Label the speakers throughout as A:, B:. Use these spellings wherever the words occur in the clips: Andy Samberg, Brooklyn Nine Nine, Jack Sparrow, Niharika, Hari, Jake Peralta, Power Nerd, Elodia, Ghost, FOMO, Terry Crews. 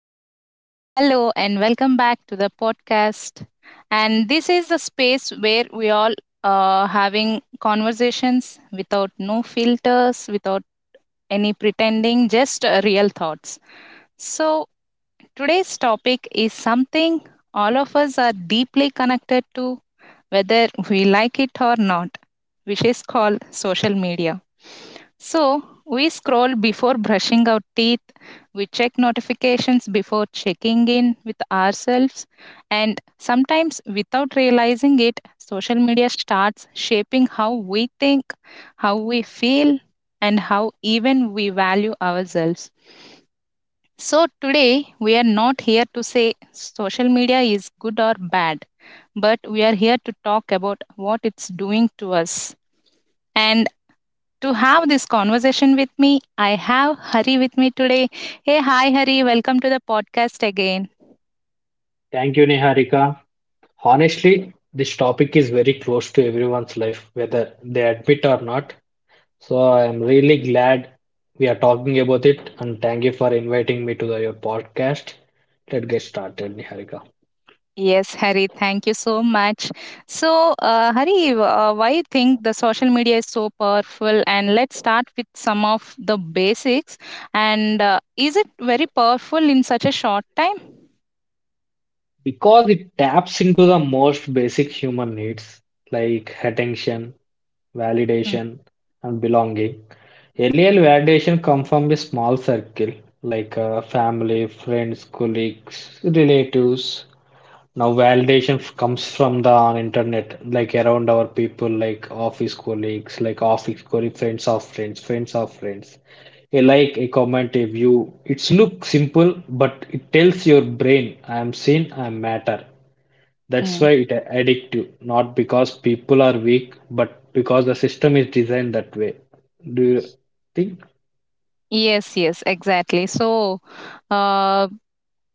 A: Hey everyone, hello and welcome back to the podcast. And this is the space where we all are having conversations without no filters, without any pretending, just real thoughts. So today's topic is something all of us are deeply connected to, whether we like it or not, which is called social media. So, we scroll before brushing our teeth, we check notifications before checking in with ourselves, and sometimes without realizing it, social media starts shaping how we think, how we feel, and how even we value ourselves. So, today we are not here to say social media is good or bad, but we are here to talk about what it's doing to us. And to have this conversation with me. I have Hari with me today. Hey, hi, Hari. Welcome to the podcast again.
B: Thank you, Niharika. Honestly, this topic is very close to everyone's life, whether they admit or not. So I am really glad we are talking about it, and thank you for inviting me to your podcast. Let's get started, Niharika.
A: Yes, Hari, thank you so much. So, Hari, why you think the social media is so powerful? And let's start with some of the basics. And is it very powerful in such a short time?
B: Because it taps into the most basic human needs like attention, validation, and belonging. Earlier validation comes from a small circle like family, friends, colleagues, relatives. Now validation comes from the internet, like around our people, like office colleagues, friends of friends, friends of friends, A like, a comment, a view. It's look simple, but it tells your brain, I am seen, I matter. That's
A: Mm.
B: why it addict you, not because people are weak, but because the system is designed that way. Do you think?
A: Yes, yes, exactly. So, uh,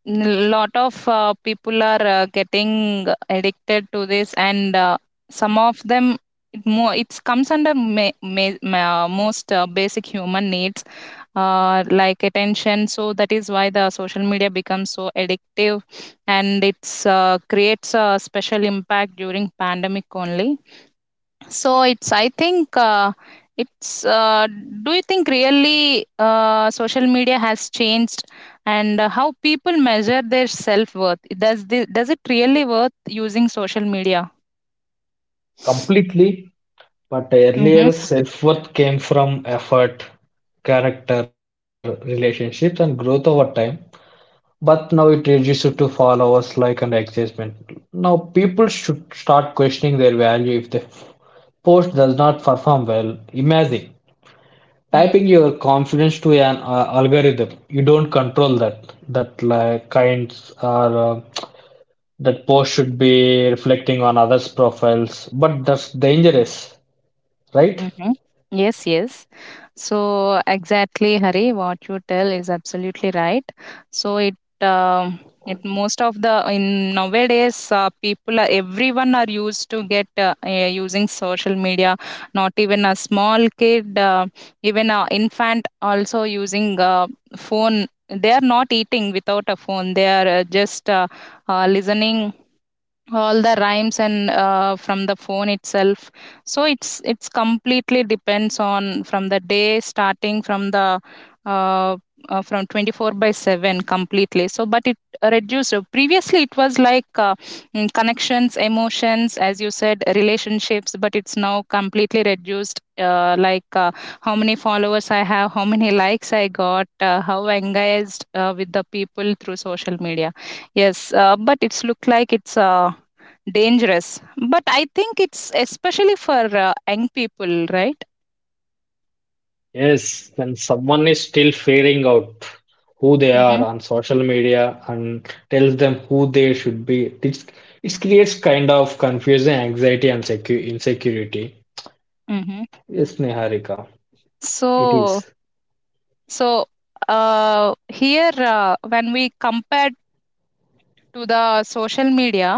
A: lot of people are getting addicted to this, and some of them it comes under most basic human needs, like attention. So that is why the social media becomes so addictive, and it's creates a special impact during pandemic only, so it's, I think, it's do you think really social media has changed, and how people measure their self worth? Does it really worth using social media?
B: Completely. But
A: Mm-hmm.
B: earlier self-worth came from effort, character, relationships, and growth over time. But now it reduces to followers, like, and engagement. Now people should start questioning their value if the post does not perform well. Imagine
A: Mm.
B: typing your confidence to an algorithm. You don't control that. That like kinds are, that post should be reflecting on others' profiles, but that's dangerous, right?
A: Mm-hmm. Yes, yes. So exactly, Hari, what you tell is absolutely right. So it um it most of the in nowadays people are, everyone are used to get using social media. Not even a small kid, even a infant also using phone. They are not eating without a phone. They are just listening all the rhymes and from the phone itself, so it's completely depends on, from the day starting, from the uh, from 24 by 7 completely. So but it reduced. Previously it was like connections, emotions, as you said, relationships, but it's now completely reduced like how many followers I have, how many likes I got, how engaged with the people through social media. Yes, but it's look like it's dangerous. But I think it's especially for young people, right?
B: Yes, when someone is still figuring out who they are
A: Mm-hmm.
B: on social media and tells them who they should be, it creates kind of confusion, anxiety, and secu insecurity.
A: Mm-hmm.
B: Yes, Niharika, it
A: So,
B: is.
A: so, here when we compare to the social media,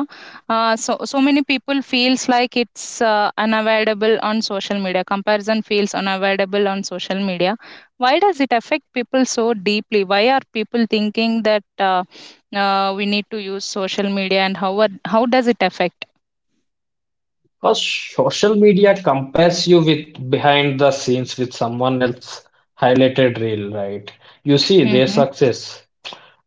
A: so so many people feels like it's unavoidable on social media. Comparison feels unavoidable on social media. Why does it affect people so deeply? Why are people thinking that we need to use social media, and how does it affect?
B: Because social media compares you with behind the scenes with someone else highlighted reel, right? You see their
A: Mm-hmm.
B: success,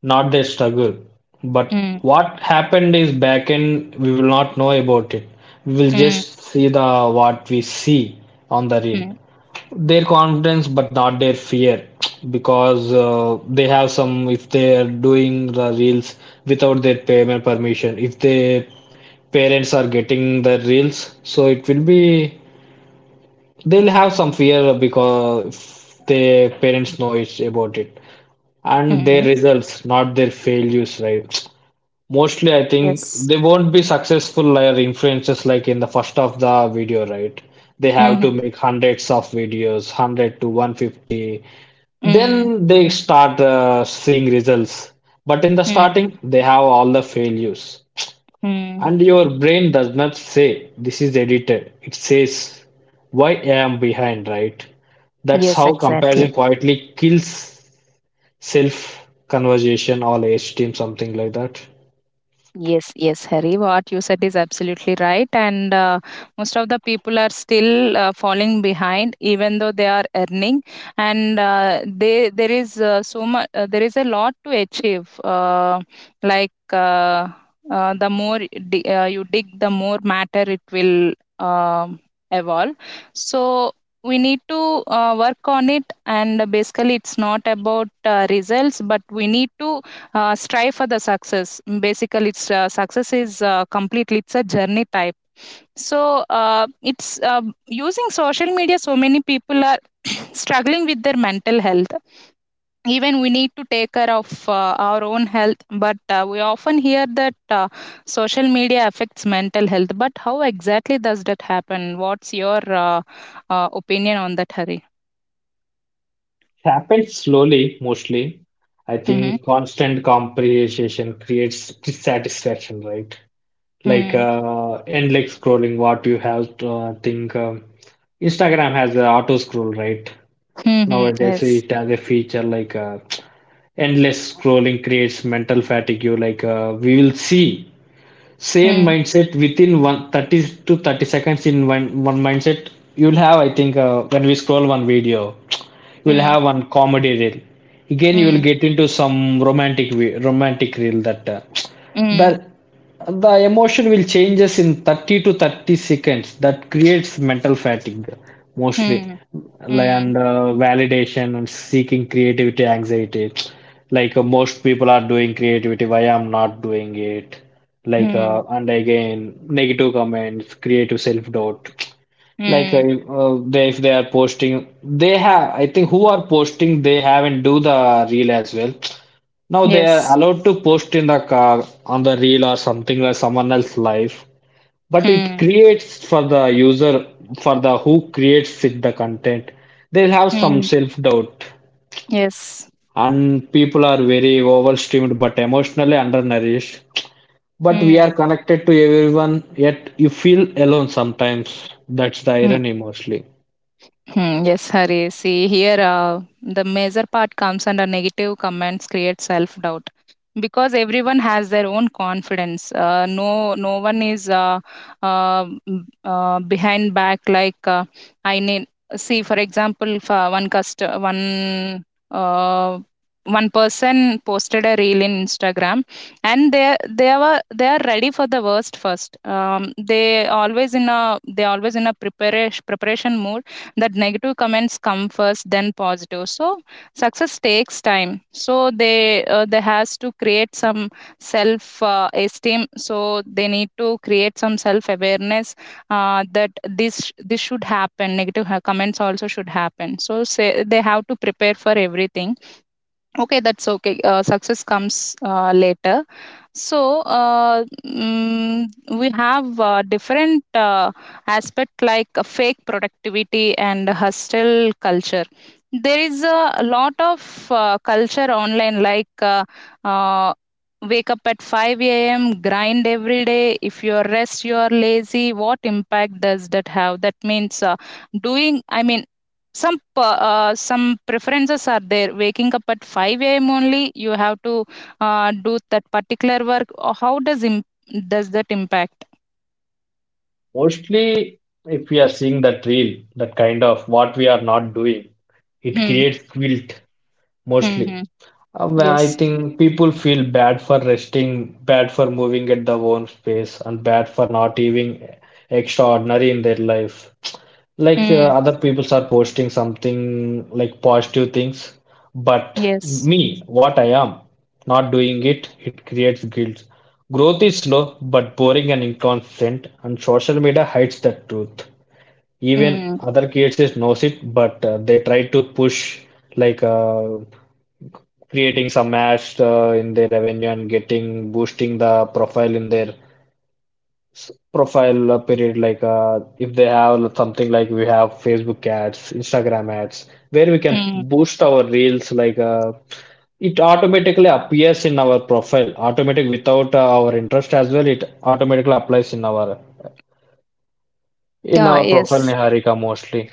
B: not their struggle. But what happened is back end, we will not know about it. We will
A: Mhm,
B: just see the what we see on the reel. Their confidence, but not their fear, because they have some. If they are doing the reels without their payment permission, if their parents are getting the reels, so it will be they'll have some fear because their parents know it about it, and their
A: mhm.
B: results, not their failures, right? Mostly, I think
A: Yes.
B: they won't be successful as influencers like in the first of the video, right? They have to
A: Mhm,
B: make hundreds of videos, 100 to 150.
A: mhm,
B: Then they start seeing results. But in the starting, they have all the failures.
A: mhm.
B: And your brain does not say this is edited. It says why I am behind, right? That's
A: Yes,
B: how
A: exactly.
B: comparison quietly kills self conversation or esteem, something like that.
A: Yes, yes, Hari. What you said is absolutely right. And most of the people are still falling behind, even though they are earning. And they there is so much. There is a lot to achieve. Like the more you dig, the more matter it will evolve. So we need to work on it. And basically, it's not about results, but we need to strive for the success. Basically, it's success is completely, it's a journey type. So it's using social media, so many people are struggling with their mental health. Even we need to take care of our own health, but we often hear that social media affects mental health, but how exactly does that happen? What's your uh, opinion on that, Hari?
B: It happens slowly, mostly. I
A: Mm-hmm.
B: think constant comprehension creates dissatisfaction, right? Like
A: Mm-hmm.
B: endless scrolling, what you have to think. Instagram has the auto scroll, right?
A: Mm-hmm.
B: Nowadays,
A: Yes.
B: it has a feature like endless scrolling creates mental fatigue. You Like, we will see same
A: Mm-hmm.
B: mindset within one 30 to 30 seconds in one mindset. You'll have, I think, when we scroll one video, you'll
A: Mm-hmm.
B: have one comedy reel. Again you will get into some romantic romantic reel. That,
A: Mm-hmm.
B: the the emotion will changes in 30 to 30 seconds. That creates mental fatigue mostly.
A: Mm-hmm.
B: Like,
A: Hmm.
B: and validation and seeking creativity anxiety. Like, most people are doing creativity, why I'm not doing it. Like,
A: Hmm.
B: and again negative comments creative self-doubt. Like,
A: Hmm.
B: they, if they are posting, they have, I think, who are posting, they haven't do the reel as well. Now they are
A: Yes.
B: allowed to post in the car on the reel or something like someone else's life, but it
A: Hmm.
B: creates for the user, for the who creates it, the content. They'll have some
A: Hmm.
B: self doubt,
A: Yes.
B: and people are very overstimmed but emotionally undernourished. But we
A: Hmm.
B: are connected to everyone, yet you feel alone sometimes. That's the
A: Hmm.
B: irony mostly.
A: Hmm. Yes, Hari. See, here the major part comes under negative comments create self doubt, because everyone has their own confidence, no, no one is uh, behind back, like I need. See, for example, if, one cust one uh, one person posted a reel in Instagram, and they are ready for the worst first. They always in a, preparation mode, that negative comments come first, then positive. So success takes time, so they has to create some self esteem, so they need to create some self awareness that this should happen. Negative comments also should happen. So, say, they have to prepare for everything. Okay, that's okay. Success comes later. So we have different aspect, like fake productivity and hustle culture. There is a lot of culture online, like uh, wake up at 5 a.m., grind every day. If you are rest, you are lazy. What impact does that have? That means doing, I mean, some preferences are there. Waking up at 5 a.m. only, you have to do that particular work. Does that impact?
B: Mostly, if we are seeing that reel, that kind of what we are not doing, it
A: Hmm.
B: creates guilt
A: Hmm.
B: mostly.
A: Hmm.
B: Well, I
A: Yes.
B: think people feel bad for resting, bad for moving at their own pace, and bad for not even extraordinary in their life. Like,
A: Mm.
B: other people are posting something like positive things, but
A: Yes.
B: me, what I am, not doing it, it creates guilt. Growth is slow but boring and inconsistent, and social media hides that truth. Even
A: Mm.
B: other kids is knows it, but they try to push, like, creating some ads in their revenue and getting boosting the profile in their profile period. Like, if they have something, like we have Facebook ads, Instagram ads where we can
A: Mm.
B: boost our reels. Like, it automatically appears in our profile automatic without our interest as well. It automatically applies in our in
A: Yeah.
B: our profile,
A: Yes.
B: Niharika, mostly.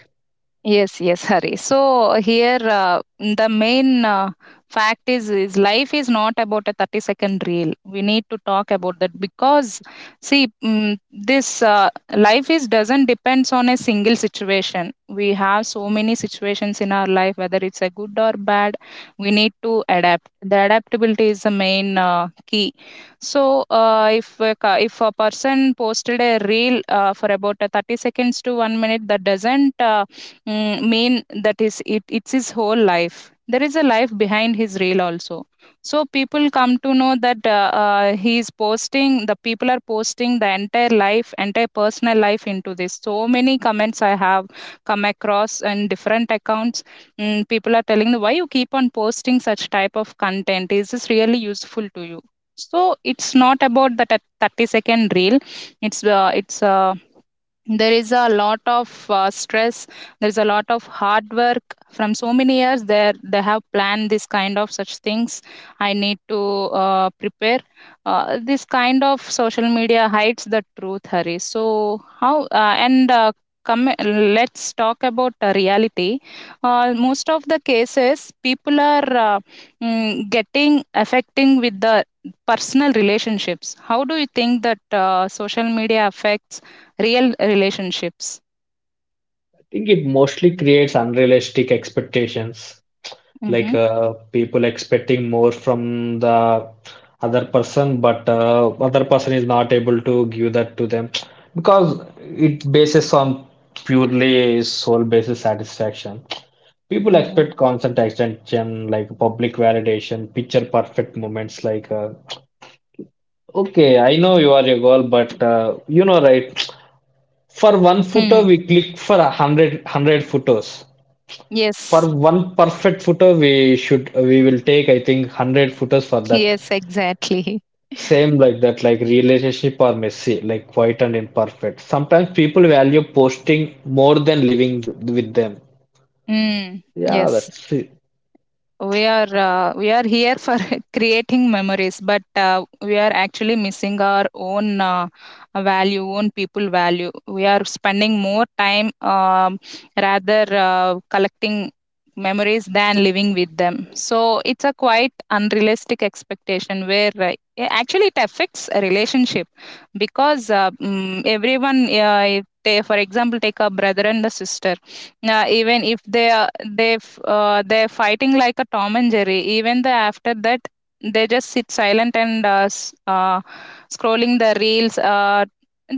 A: Yes, yes, Hari. So here, the main fact is, life is not about a 30-second reel. We need to talk about that because, see, mm, this life is doesn't depends on a single situation. We have so many situations in our life, whether it's a good or bad. We need to adapt. The adaptability is the main key. So, if a person posted a reel for about a 30 seconds to 1 minute, that doesn't mean that is it it's his whole life. There is a life behind his reel also. So people come to know that he is posting the people are posting the entire life, entire personal life into this. So many comments I have come across in different accounts. People are telling me, why you keep on posting such type of content? Is this really useful to you? So it's not about that 30-second reel. It's there is a lot of stress, there is a lot of hard work from so many years there. They have planned this kind of such things. I need to prepare this kind of. Social media hides the truth, hurry so how and come, let's talk about reality. Most of the cases, people are uh, getting affecting with the personal relationships. How do you think that social media affects real relationships?
B: I think it mostly creates unrealistic expectations, like
A: Mm-hmm.
B: people expecting more from the other person but other person is not able to give that to them, because it bases on purely soul basis satisfaction. People
A: Mm-hmm.
B: expect constant attention, like public validation, picture perfect moments. Like, okay, I know you are your goal, but you know, right, for one photo
A: Hmm.
B: we click for a hundred photos.
A: Yes,
B: For one perfect footer, we will take, I think, hundred footers for that.
A: yes, exactly.
B: Same like that, like relationship or messy, like quiet and imperfect. Sometimes people value posting more than living with them.
A: Mm.
B: Yeah,
A: Yes.
B: that's it.
A: We are here for creating memories, but we are actually missing our own value, own people value. We are spending more time, rather collecting memories than living with them. So it's a quite unrealistic expectation, where actually it affects a relationship, because everyone if they- for example, take a brother and a sister. Even if they are, they're fighting like a Tom and Jerry, even the after that, they just sit silent and scrolling the reels.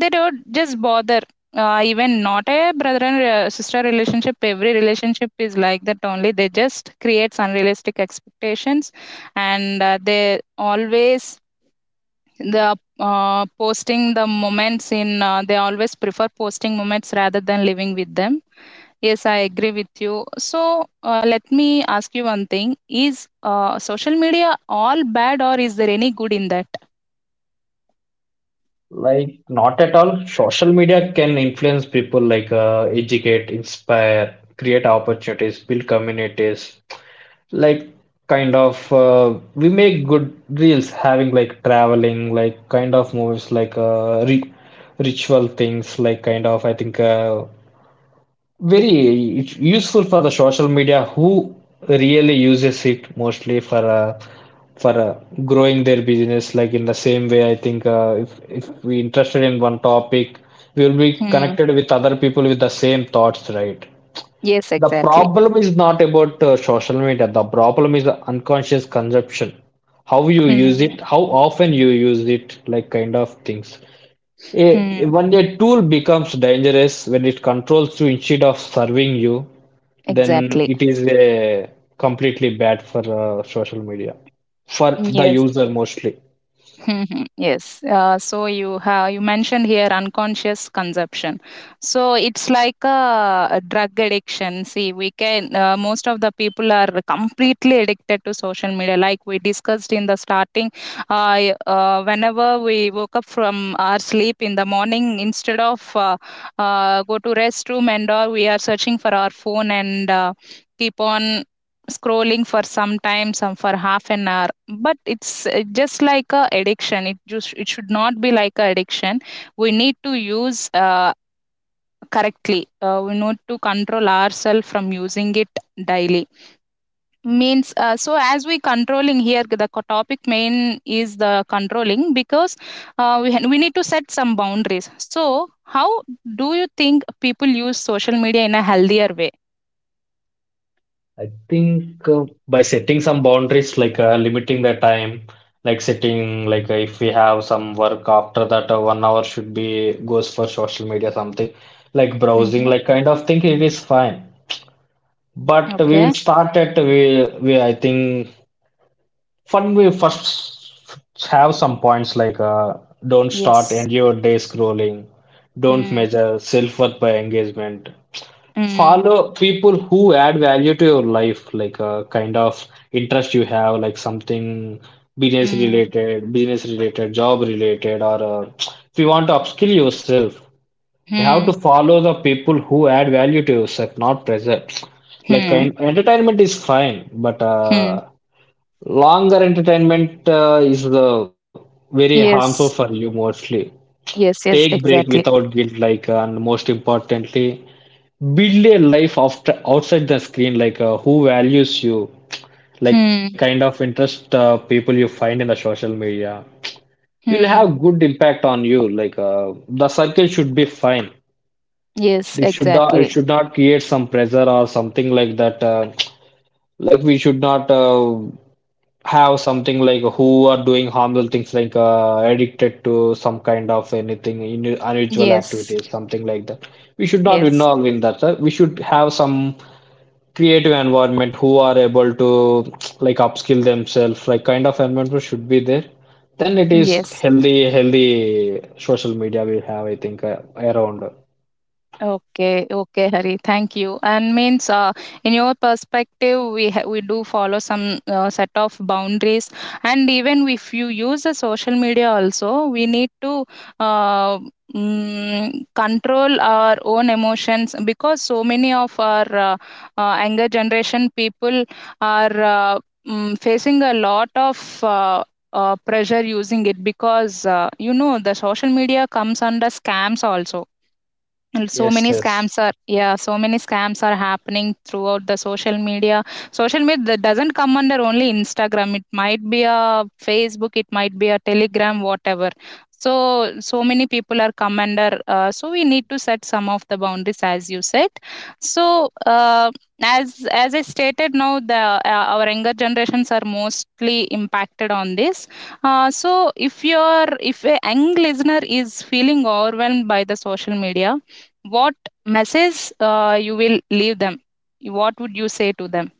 A: They don't just bother. Even not a brother and sister relationship, every relationship is like that only. They just creates unrealistic expectations, and they always, they always prefer posting moments rather than living with them. Yes, I agree with you. So let me ask you one thing: is social media all bad, or is there any good in that?
B: Like, not at all. Social media can influence people, like, educate, inspire, create opportunities, build communities. Like, kind of, we make good reels having, like, traveling, like kind of movies, like, ri ritual things, like, kind of, I think, very, it's useful for the social media who really uses it mostly for growing their business. Like, in the same way, I think, if we interested in one topic, we will be
A: Hmm.
B: connected with other people with the same thoughts, right?
A: Yes,
B: The
A: exactly.
B: problem is not about social media. The problem is the unconscious consumption. How you use
A: Hmm.
B: it, how often you use it, like, kind of things.
A: Hmm.
B: When a tool becomes dangerous, when it controls you instead of serving you, then
A: Exactly.
B: it is a completely bad for social media, for the
A: Yes.
B: user mostly.
A: Mhm. Yes. So you mentioned here unconscious consumption. So it's like a drug addiction. See, we can, most of the people are completely addicted to social media. Like we discussed in the starting, uh, whenever we woke up from our sleep in the morning, instead of go to restroom and all, we are searching for our phone and. Keep on scrolling for some time, some for half an hour, but it's just like a addiction. It should not be like a addiction. We need to use correctly. We need to control ourselves from using it daily, means so as we controlling here, the topic main is the controlling. Because we need to set some boundaries, so how do you think people use social media in a healthier way?
B: I think, by setting some boundaries, like, limiting the time, like setting, like, if we have some work after that, 1 hour should be goes for social media, something like browsing,
A: Mm-hmm.
B: like, kind of thing. It is fine, but we will
A: Okay.
B: start at we I think fun. We first have some points, like, don't start
A: Yes.
B: end your day scrolling, don't
A: Mm.
B: measure self worth by engagement,
A: Mm.
B: follow people who add value to your life, like a kind of interest you have, like something
A: Mm,
B: business related, job related, or if you want to upskill yourself, you have
A: hmm,
B: to follow the people who add value to yourself, not pressure. Like,
A: hmm,
B: kind entertainment is fine, but
A: hmm.
B: longer entertainment is the very harmful for
A: Yes,
B: you mostly.
A: yes,
B: Take
A: yes,
B: break
A: exactly.
B: without guilt, like, and most importantly, build a life after outside the screen, like, who values you, like kind
A: Hmm,
B: of interest, people you find in the social media. You'll
A: hmm.
B: have good impact on you. Like, the circle should be fine.
A: Yes,
B: It should not, it
A: exactly.
B: should not create some pressure or something like that. Like, we should not. Have something like who are doing harmful things, like, addicted to some kind of anything in unusual
A: Yes,
B: activities, something like that. We should not
A: yes,
B: involve in that, sir. We should have some creative environment who are able to, like, upskill themselves, like kind of environment should be there. Then it is
A: yes.
B: healthy social media. We have, I think, around.
A: Okay, okay, Hari. Thank you. And means, in your perspective, we do follow some set of boundaries, and even if you use the social media, also we need to uh, control our own emotions because so many of our younger generation people are facing a lot of. Pressure using it because you know the social media comes under scams also. And so
B: Yes,
A: many
B: yes.
A: scams are, yeah, so many scams are happening throughout the Social media that doesn't come under only Instagram. It might be a Facebook, it might be a Telegram, whatever. So so many people are come under, so we need to set some of the boundaries as you said. So, uh, as as I stated now, the our younger generations are mostly impacted on this. So, if your if a young listener is feeling overwhelmed by the social media, what message, you will leave them? What would you say to them?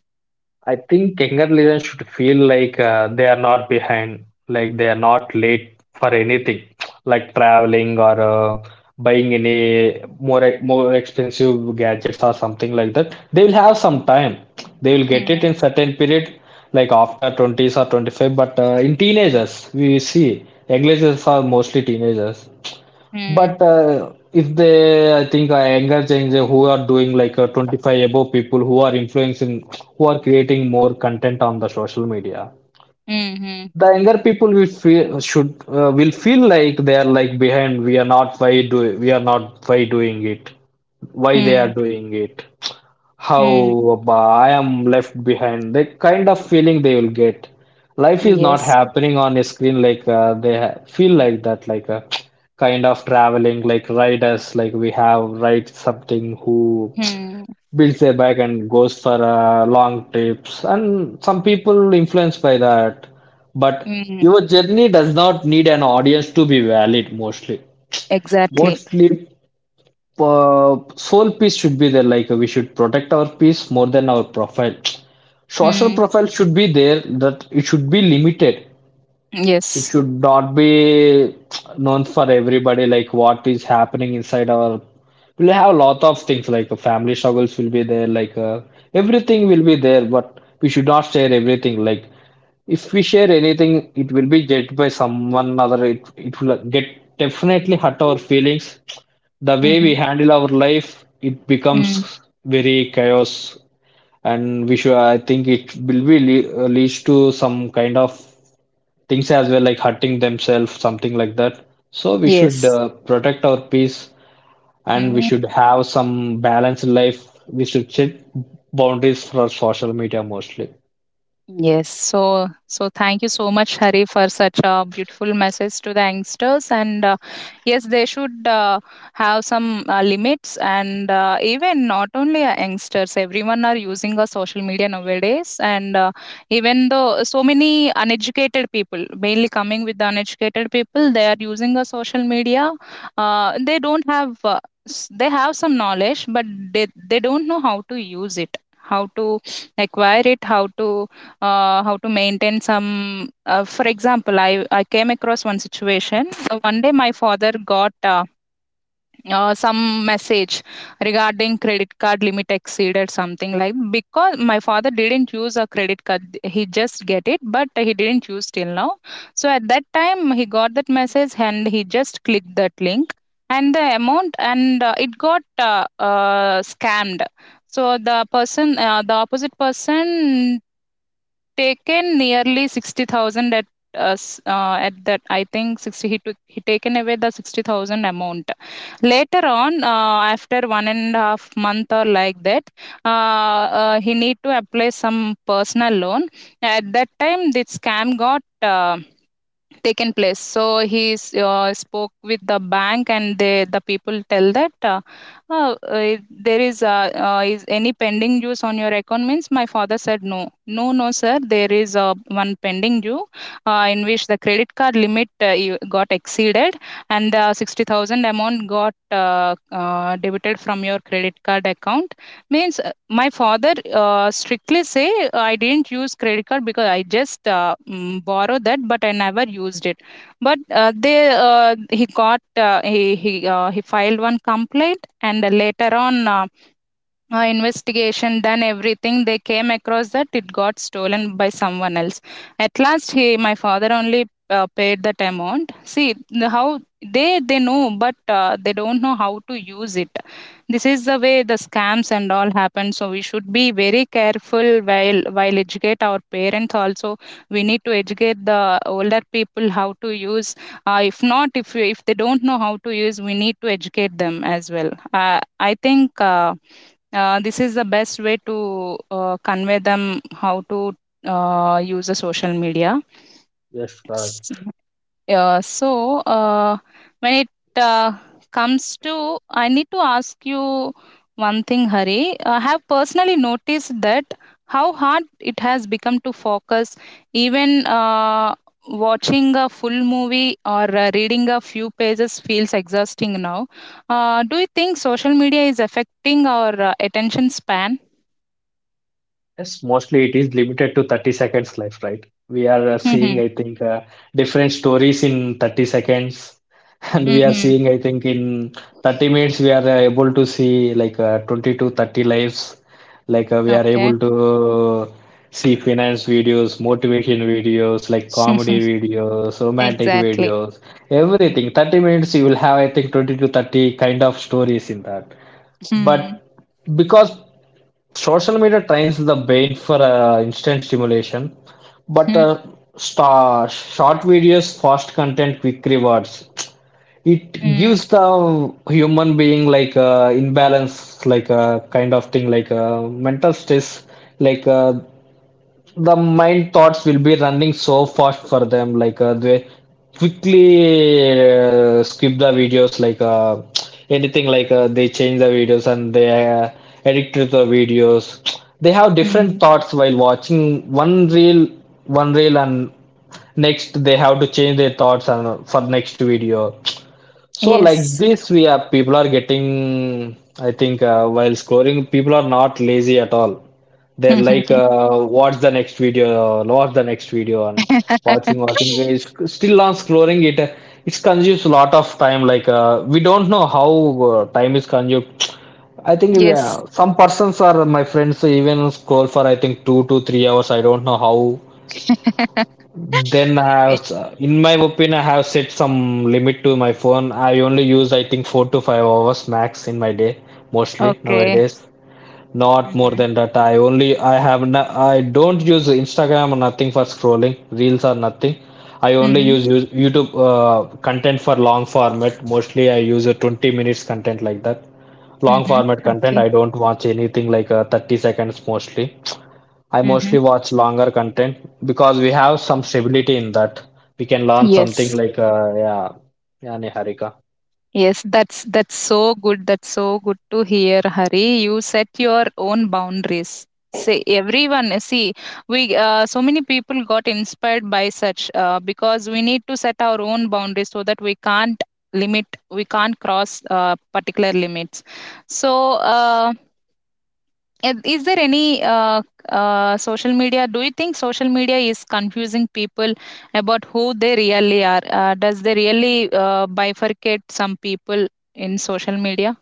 B: I think younger listeners should feel like, they are not behind, like they are not late for anything, like traveling or buying any more expensive gadgets or something like that. They will have some time. They will get it
A: Mhm.
B: in certain period, like after 20s or 25. But, in teenagers, we see young listeners are mostly teenagers.
A: Mm.
B: But, if they, I think, I engaging the who are doing, like, 25 above people who are influencing, who are creating more content on the social media,
A: Mhm.
B: the younger people will feel should, will feel like they are like behind. We are not why do we are not why doing it, why they
A: Mm.
B: are doing it. How
A: Mm.
B: I am left behind. The kind of feeling they will get. Life is not
A: Yes.
B: happening on a screen, like, they ha feel like that, like a kind of traveling, like riders, like we have ride something who
A: Mm.
B: builds their bike and goes for long trips. And some people influenced by that. But
A: Mm.
B: your journey does not need an audience to be valid mostly.
A: Exactly.
B: Mostly soul piece should be there like we should protect our peace more than our profile. Social
A: Mm.
B: profile should be there, that it should be limited. It
A: Yes.
B: should not be known for everybody like what is happening inside our. We'll have a lot of things like family struggles will be there like everything will be there, but we should not share everything. Like if we share anything, it will be judged by someone other. It will get definitely hurt our feelings. The way we
A: Mhm.
B: handle our life, it
A: Mm.
B: becomes very chaos, and we should. I think it will be leads to some kind of things as well, like hurting themselves, something like that. So we should
A: Yes.
B: protect our peace, and we should
A: Mm.
B: have some balance in life. We should set boundaries for social media mostly.
A: Yes. So, thank you so much, Hari, for such a beautiful message to the youngsters. And, yes, they should, have some limits. And even not only youngsters, everyone are using a social media nowadays. And even though so many uneducated people, mainly coming with the uneducated people, they are using a social media. They don't have. They have some knowledge, but they don't know how to use it, how to acquire it, how to maintain some. For example, I came across one situation. One day my father got some message regarding credit card limit exceeded something, like, because my father didn't use a credit card. He just get it but he didn't use till now. So at that time he got that message and he just clicked that link, and the amount, and it got uh, scammed. So the opposite person taken nearly 60,000. At that, I think 60, he taken away the 60,000 amount. Later on, after 1.5 month or like that, he need to apply some personal loan. At that time the scam got, taken place. So spoke with the bank and the people tell that uh, uh, there is, is any pending dues on your account. Means my father said, no, no, no, sir, there is, one pending due in which the credit card limit, got exceeded and the 60,000 amount got uh, debited from your credit card account. Means my father strictly say, I didn't use credit card because I just borrow that, but I never used it. But they he got he filed one complaint, and later on, investigation done everything, they came across that it got stolen by someone else. At last, he my father only paid that amount. See the, how they know but they don't know how to use it. This is the way the scams and all happen, so we should be very careful while educate our parents also. We need to educate the older people how to use. If not, if they don't know how to use, we need to educate them as well. uh, I think this is the best way to convey them how to use the social media.
B: Yes, correct.
A: S- so, uh, when it comes to, I need to ask you one thing, Hari. I have personally noticed that how hard it has become to focus, even watching a full movie or reading a few pages feels exhausting now. Do you think social media is affecting our attention span?
B: Yes, mostly it is limited to 30 seconds life, right? We are seeing,
A: Mhm.
B: I think, different stories in 30 seconds, and we are
A: Mhm.
B: seeing, I think, in 30 minutes, we are able to see like 20 to 30 lives. Like we are
A: Okay.
B: able to see finance videos, motivation videos, like comedy videos, romantic
A: Exactly.
B: videos, everything. 30 minutes, you will have, I think, 20 to 30 kind of stories in that. But
A: Hmm.
B: because social media trains the brain for instant stimulation, but
A: Hmm.
B: star, short videos, fast content, quick rewards. It
A: Mm.
B: gives the human being like imbalance, like a kind of thing, like mental stress, like the mind thoughts will be running so fast for them like they quickly skip the videos like anything like they change the videos, and they edit to the videos. They have
A: Mm.
B: different thoughts while watching one reel and next they have to change their thoughts and for next video. So like
A: Yes.
B: this, we are people are getting. I think while scoring, people are not lazy at all. They're like, what's the next video? What's the next video? And watching, watching. It's still on scoring. It consumes a lot of time. Like we don't know how time is consumed. I think
A: Yes.
B: some persons are my friends even scroll for I think 2 to 3 hours. I don't know how. Then I
A: Eh,
B: have, in my opinion, I have set some limit to my phone. I only use, I think, 4 to 5 hours max in my day, mostly
A: Okay.
B: nowadays. Not more
A: Mhm.
B: than that. I only, I have, no, I don't use Instagram or nothing for scrolling, reels or nothing. I only
A: Mhm.
B: use YouTube content for long format. Mostly, I use a 20 minutes content like that. Long
A: Mhm.
B: format content.
A: Okay.
B: I don't watch anything like 30 seconds mostly. I mostly
A: Mhm.
B: watch longer content because we have some stability in that. We can learn something
A: Yes.
B: like yeah, yeah, Niharika.
A: Yes, that's so good. That's so good to hear, Hari. You set your own boundaries. See, everyone, see, we so many people got inspired by such, because we need to set our own boundaries so that we can't limit, we can't cross particular limits. So. And is there any social media? Do you think social media is confusing people about who they really are? Does they really bifurcate some people in social media?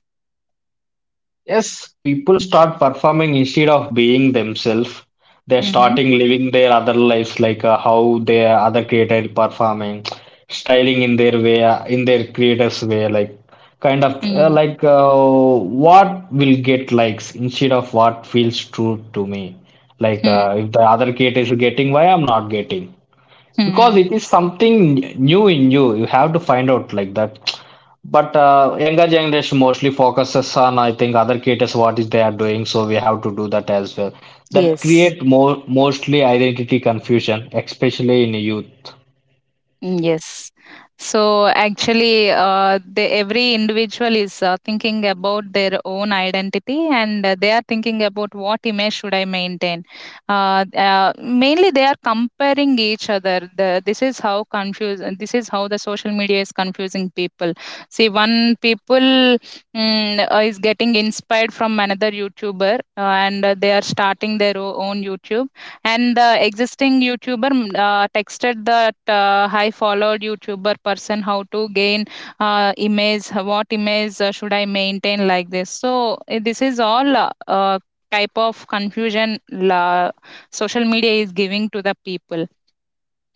B: Yes, people start performing instead of being themselves. They're
A: Mm-hmm.
B: starting living their other lives, like how their other creator performing, styling in their way, in their creators way, like kind of like what will get likes instead of what feels true to me. Like if the other creator is getting, why I'm not getting. Because
A: Mm-hmm.
B: it is something new in you, you have to find out like that, but younger generation mostly focuses on, I think, other creators what is they are doing, so we have to do that as well. That
A: Yes.
B: create more mostly identity confusion, especially in youth.
A: Mm, yes. So actually, every individual is thinking about their own identity and they are thinking about what image should I maintain. Mainly, they are comparing each other. This is how confuse. This is how the social media is confusing people. See, one people is getting inspired from another YouTuber and they are starting their own YouTube, and the existing YouTuber texted that high followed YouTuber person how to gain image, what image should I maintain, like this. So this is all type of confusion, social media is giving to the people.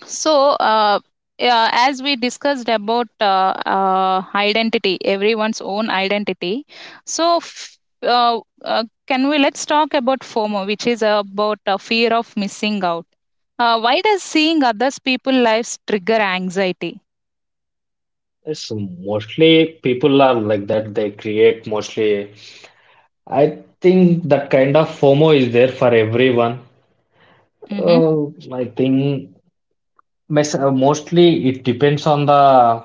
A: So, yeah, as we discussed about identity, everyone's own identity. So, f- can we let's talk about FOMO, which is about fear of missing out. Why does seeing others people lives trigger anxiety?
B: Yes, mostly people are like that. They create mostly. I think that kind of FOMO is there for everyone.
A: Mm-hmm.
B: Uh, I think mostly it depends on the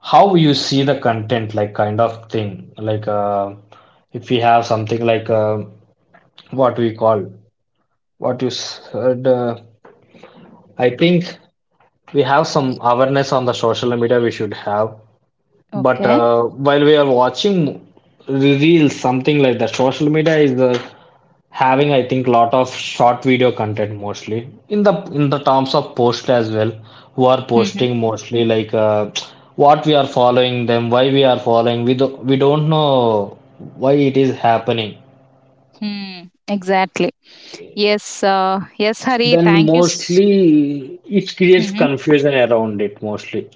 B: how you see the content, like kind of thing, like if we have something like what we call, what you said, I think we have some awareness on the social media, we should have. But
A: Okay.
B: while we are watching reels something like that, social media is the having, I think, lot of short video content, mostly in the terms of post as well. Who are
A: Mm-hmm.
B: posting mostly like what we are following them, why we are following, we do, we don't know why it is happening.
A: Hmm. Exactly. Yes. Yes, Hari.
B: Then
A: Thank you.
B: mostly it creates confusion around it mostly.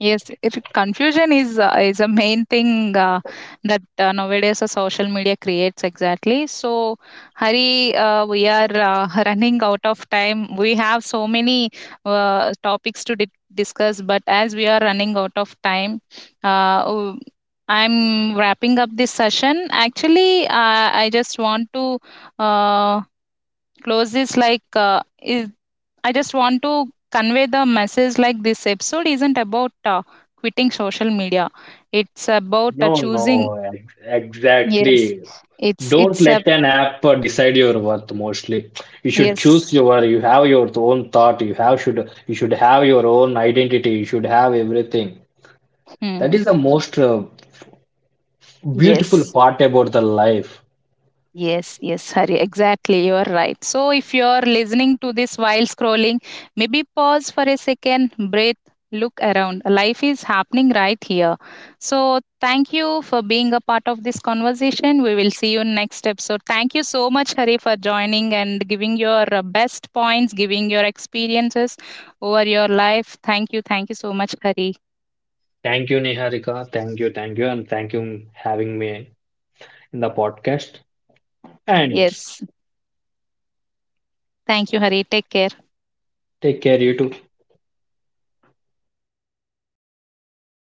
A: Yes, it confusion is a main thing that nowadays social media creates, exactly. So, Hari, we are running out of time. We have so many topics to discuss, but as we are running out of time, uh, w- I'm wrapping up this session. Actually, I just want to uh, close this. Like uh, is, i just want to convey the message, like, this episode isn't about quitting social media, it's about
B: No,
A: choosing.
B: no,
A: Yes.
B: exactly.
A: it's
B: Don't
A: it's a.
B: let an app decide your worth mostly. You should
A: Yes.
B: choose your, you have your own thought, you have should you should have your own identity, you should have everything. That
A: Hmm.
B: is the most beautiful
A: Yes.
B: part about the life.
A: Yes, yes, Hari. Exactly. You are right. So, if you are listening to this while scrolling, maybe pause for a second, breathe, look around. Life is happening right here. So, thank you for being a part of this conversation. We will see you next episode. Thank you so much, Hari, for joining and giving your best points, giving your experiences over your life. Thank you. Thank you so much, Hari.
B: Thank you, Niharika. Thank you, and thank you having me in the podcast. And
A: Yes. Thank you, Hari. Take care.
B: take care, you too.